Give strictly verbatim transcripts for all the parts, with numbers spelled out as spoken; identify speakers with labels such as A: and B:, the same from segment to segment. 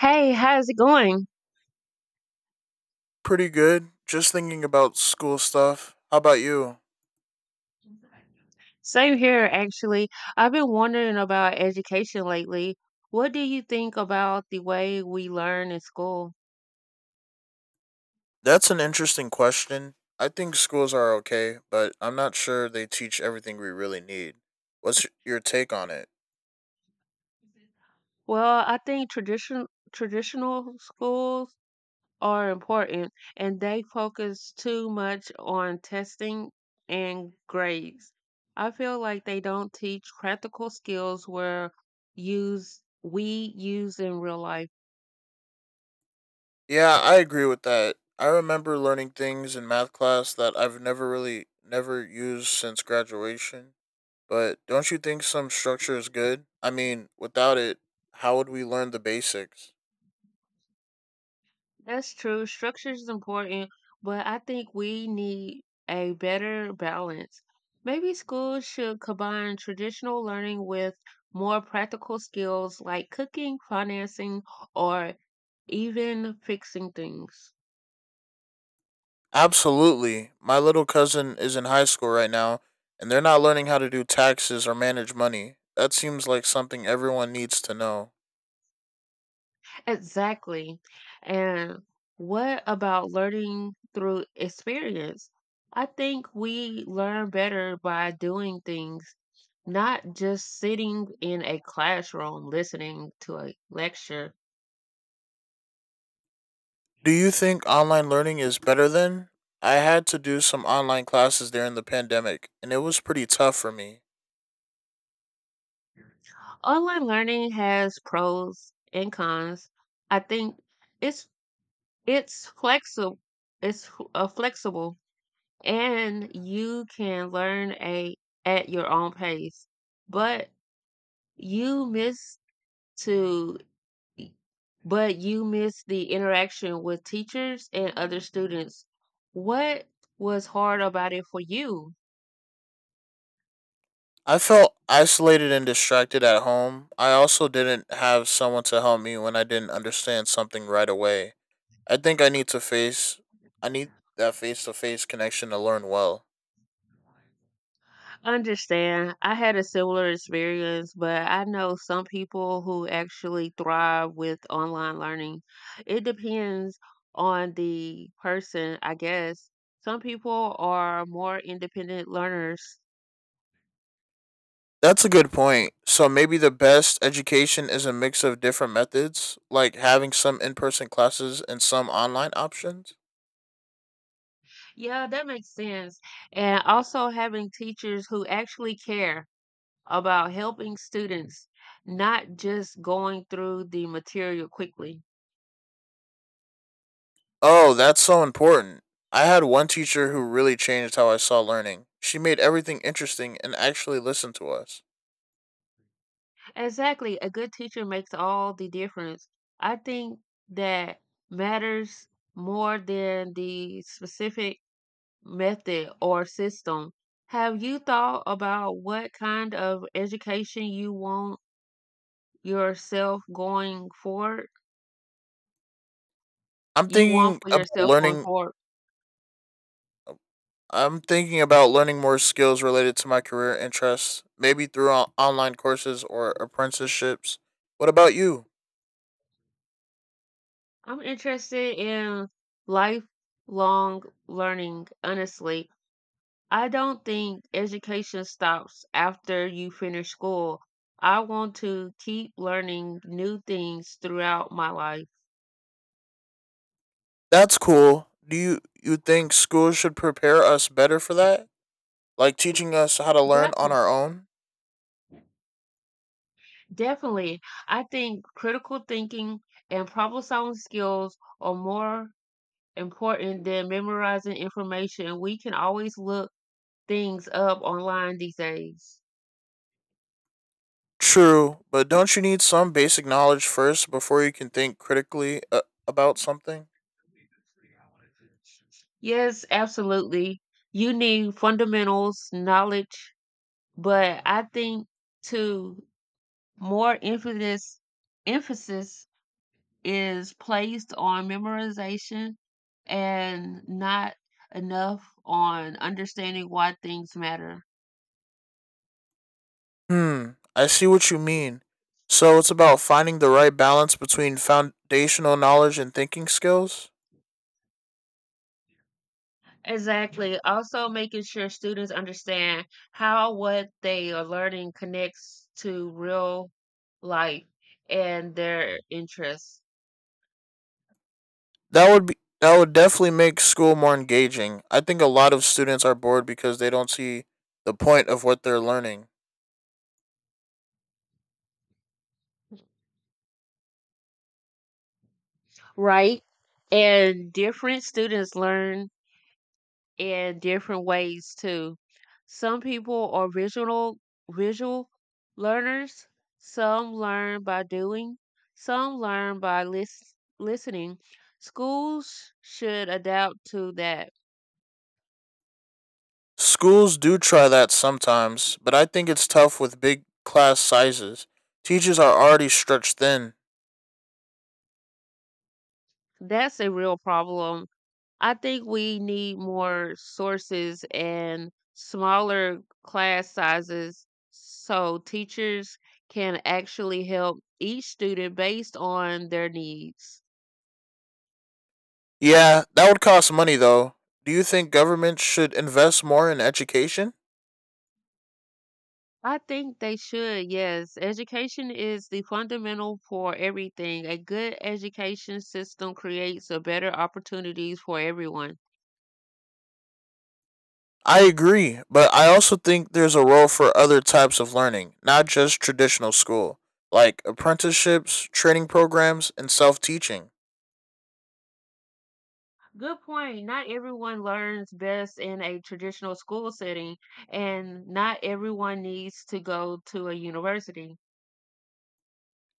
A: Hey, how's it going?
B: Pretty good. Just thinking about school stuff. How about you?
A: Same here, actually. I've been wondering about education lately. What do you think about the way we learn in school?
B: That's an interesting question. I think schools are okay, but I'm not sure they teach everything we really need. What's your take on it?
A: Well, I think tradition traditional schools are important, and they focus too much on testing and grades. I feel like they don't teach practical skills where use we use in real life.
B: Yeah, I agree with that. I remember learning things in math class that I've never really never used since graduation. But don't you think some structure is good? I mean, without it, how would we learn the basics?
A: That's true. Structure is important, but I think we need a better balance. Maybe schools should combine traditional learning with more practical skills like cooking, financing, or even fixing things.
B: Absolutely. My little cousin is in high school right now, and they're not learning how to do taxes or manage money. That seems like something everyone needs to know.
A: Exactly. And what about learning through experience? I think we learn better by doing things, not just sitting in a classroom listening to a lecture.
B: Do you think online learning is better then? I had to do some online classes during the pandemic, and it was pretty tough for me.
A: Online learning has pros and cons. I think it's it's flexible. It's uh, flexible, and you can learn a at your own pace. But you miss to but you missed the interaction with teachers and other students. What Was hard about it for you?
B: I felt isolated and distracted at home. I also didn't have someone to help me when I didn't understand something right away. I think I need to face I need that face to face connection to learn well.
A: Understand. I had a similar experience, but I know some people who actually thrive with online learning. It depends on the person, I guess. Some people are more independent learners.
B: That's a good point. So maybe the best education is a mix of different methods, like having some in-person classes and some online options.
A: Yeah, that makes sense. And also having teachers who actually care about helping students, not just going through the material quickly.
B: Oh, that's so important. I had one teacher who really changed how I saw learning. She made everything interesting and actually listened to us.
A: Exactly. A good teacher makes all the difference. I think that matters more than the specific method or system. Have you thought about what kind of education you want yourself going forward?
B: I'm
A: You want
B: thinking
A: for
B: about
A: yourself going
B: learning
A: forward?
B: I'm thinking about learning more skills related to my career interests, maybe through on- online courses or apprenticeships. What about you?
A: I'm interested in lifelong learning, honestly. I don't think education stops after you finish school. I want to keep learning new things throughout my life.
B: That's cool. Do you you think school should prepare us better for that? Like teaching us how to learn on
A: Definitely,
B: our own?
A: definitely. I think critical thinking and problem solving skills are more important than memorizing information. We can always look things up online these days.
B: True, but don't you need some basic knowledge first before you can think critically uh, about something?
A: Yes, absolutely. You need fundamentals, knowledge, but I think too more emphasis emphasis is placed on memorization and not enough on understanding why things matter.
B: Hmm, I see what you mean. So it's about finding the right balance between foundational knowledge and thinking skills?
A: Exactly. Also making sure students understand how what they are learning connects to real life and their interests.
B: That would be that would definitely make school more engaging. I think a lot of students are bored because they don't see the point of what they're learning.
A: Right? And different students learn in different ways too. Some people are visual visual learners, some learn by doing, some learn by lis- listening. Schools should adapt to that.
B: Schools do try that sometimes, but I think it's tough with big class sizes. Teachers are already stretched thin.
A: That's a real problem. I think we need more sources and smaller class sizes so teachers can actually help each student based on their needs.
B: Yeah, that would cost money though. Do you think government should invest more in education?
A: I think they should, yes. Education is the fundamental for everything. A good education system creates a better opportunities for everyone.
B: I agree, but I also think there's a role for other types of learning, not just traditional school, like apprenticeships, training programs, and self teaching.
A: Good point. Not everyone learns best in a traditional school setting, and not everyone needs to go to a university.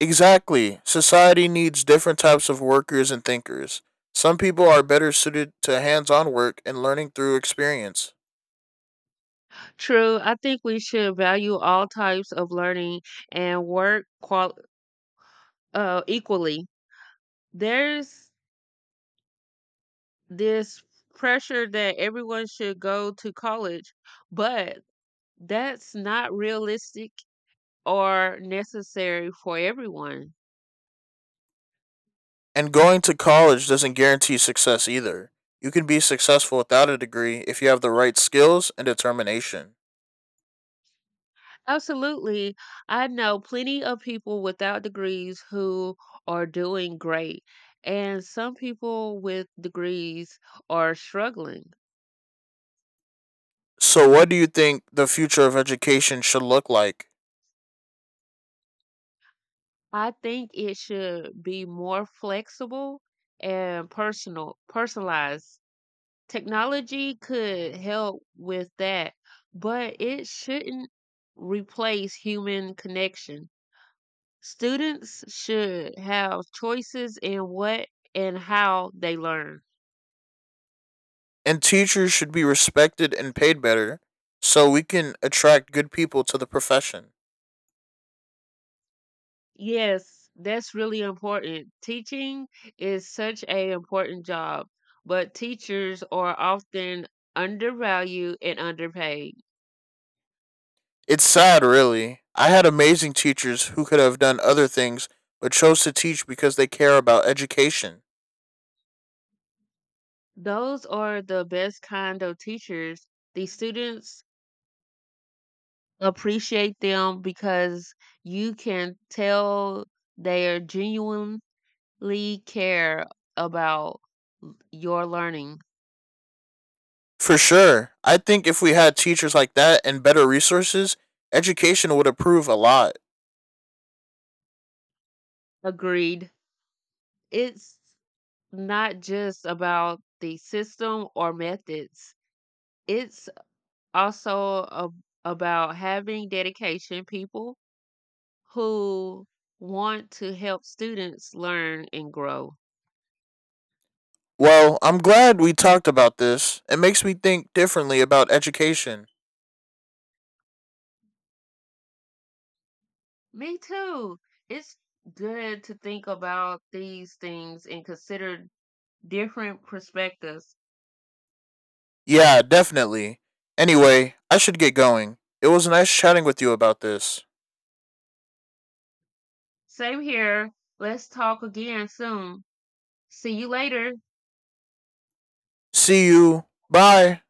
B: Exactly. Society needs different types of workers and thinkers. Some people are better suited to hands on work and learning through experience.
A: True. I think we should value all types of learning and work qual- uh, equally. There's this pressure that everyone should go to college, but that's not realistic or necessary for everyone.
B: And going to college doesn't guarantee success either. You can be successful without a degree if you have the right skills and determination.
A: Absolutely. I know plenty of people without degrees who are doing great, and some people with degrees are struggling.
B: So, what do you think the future of education should look like?
A: I think it should be more flexible and personal, personalized. Technology could help with that, but it shouldn't replace human connection. Students should have choices in what and how they learn.
B: And teachers should be respected and paid better so we can attract good people to the profession.
A: Yes, that's really important. Teaching is such a important job, but teachers are often undervalued and underpaid.
B: It's sad, really. I had amazing teachers who could have done other things but chose to teach because they care about education.
A: Those are the best kind of teachers, the students appreciate them because you can tell they are genuinely care about l- your learning.
B: For sure. I think if we had teachers like that and better resources, education would improve a lot.
A: Agreed. It's not just about the system or methods. It's also a, about having dedication people who want to help students learn and grow.
B: Well, I'm glad we talked about this. It makes me think differently about education.
A: Me too. It's good to think about these things and consider different perspectives.
B: Yeah, definitely. Anyway, I should get going. It was nice chatting with you about this.
A: Same here. Let's talk again soon. See you later.
B: See you. Bye.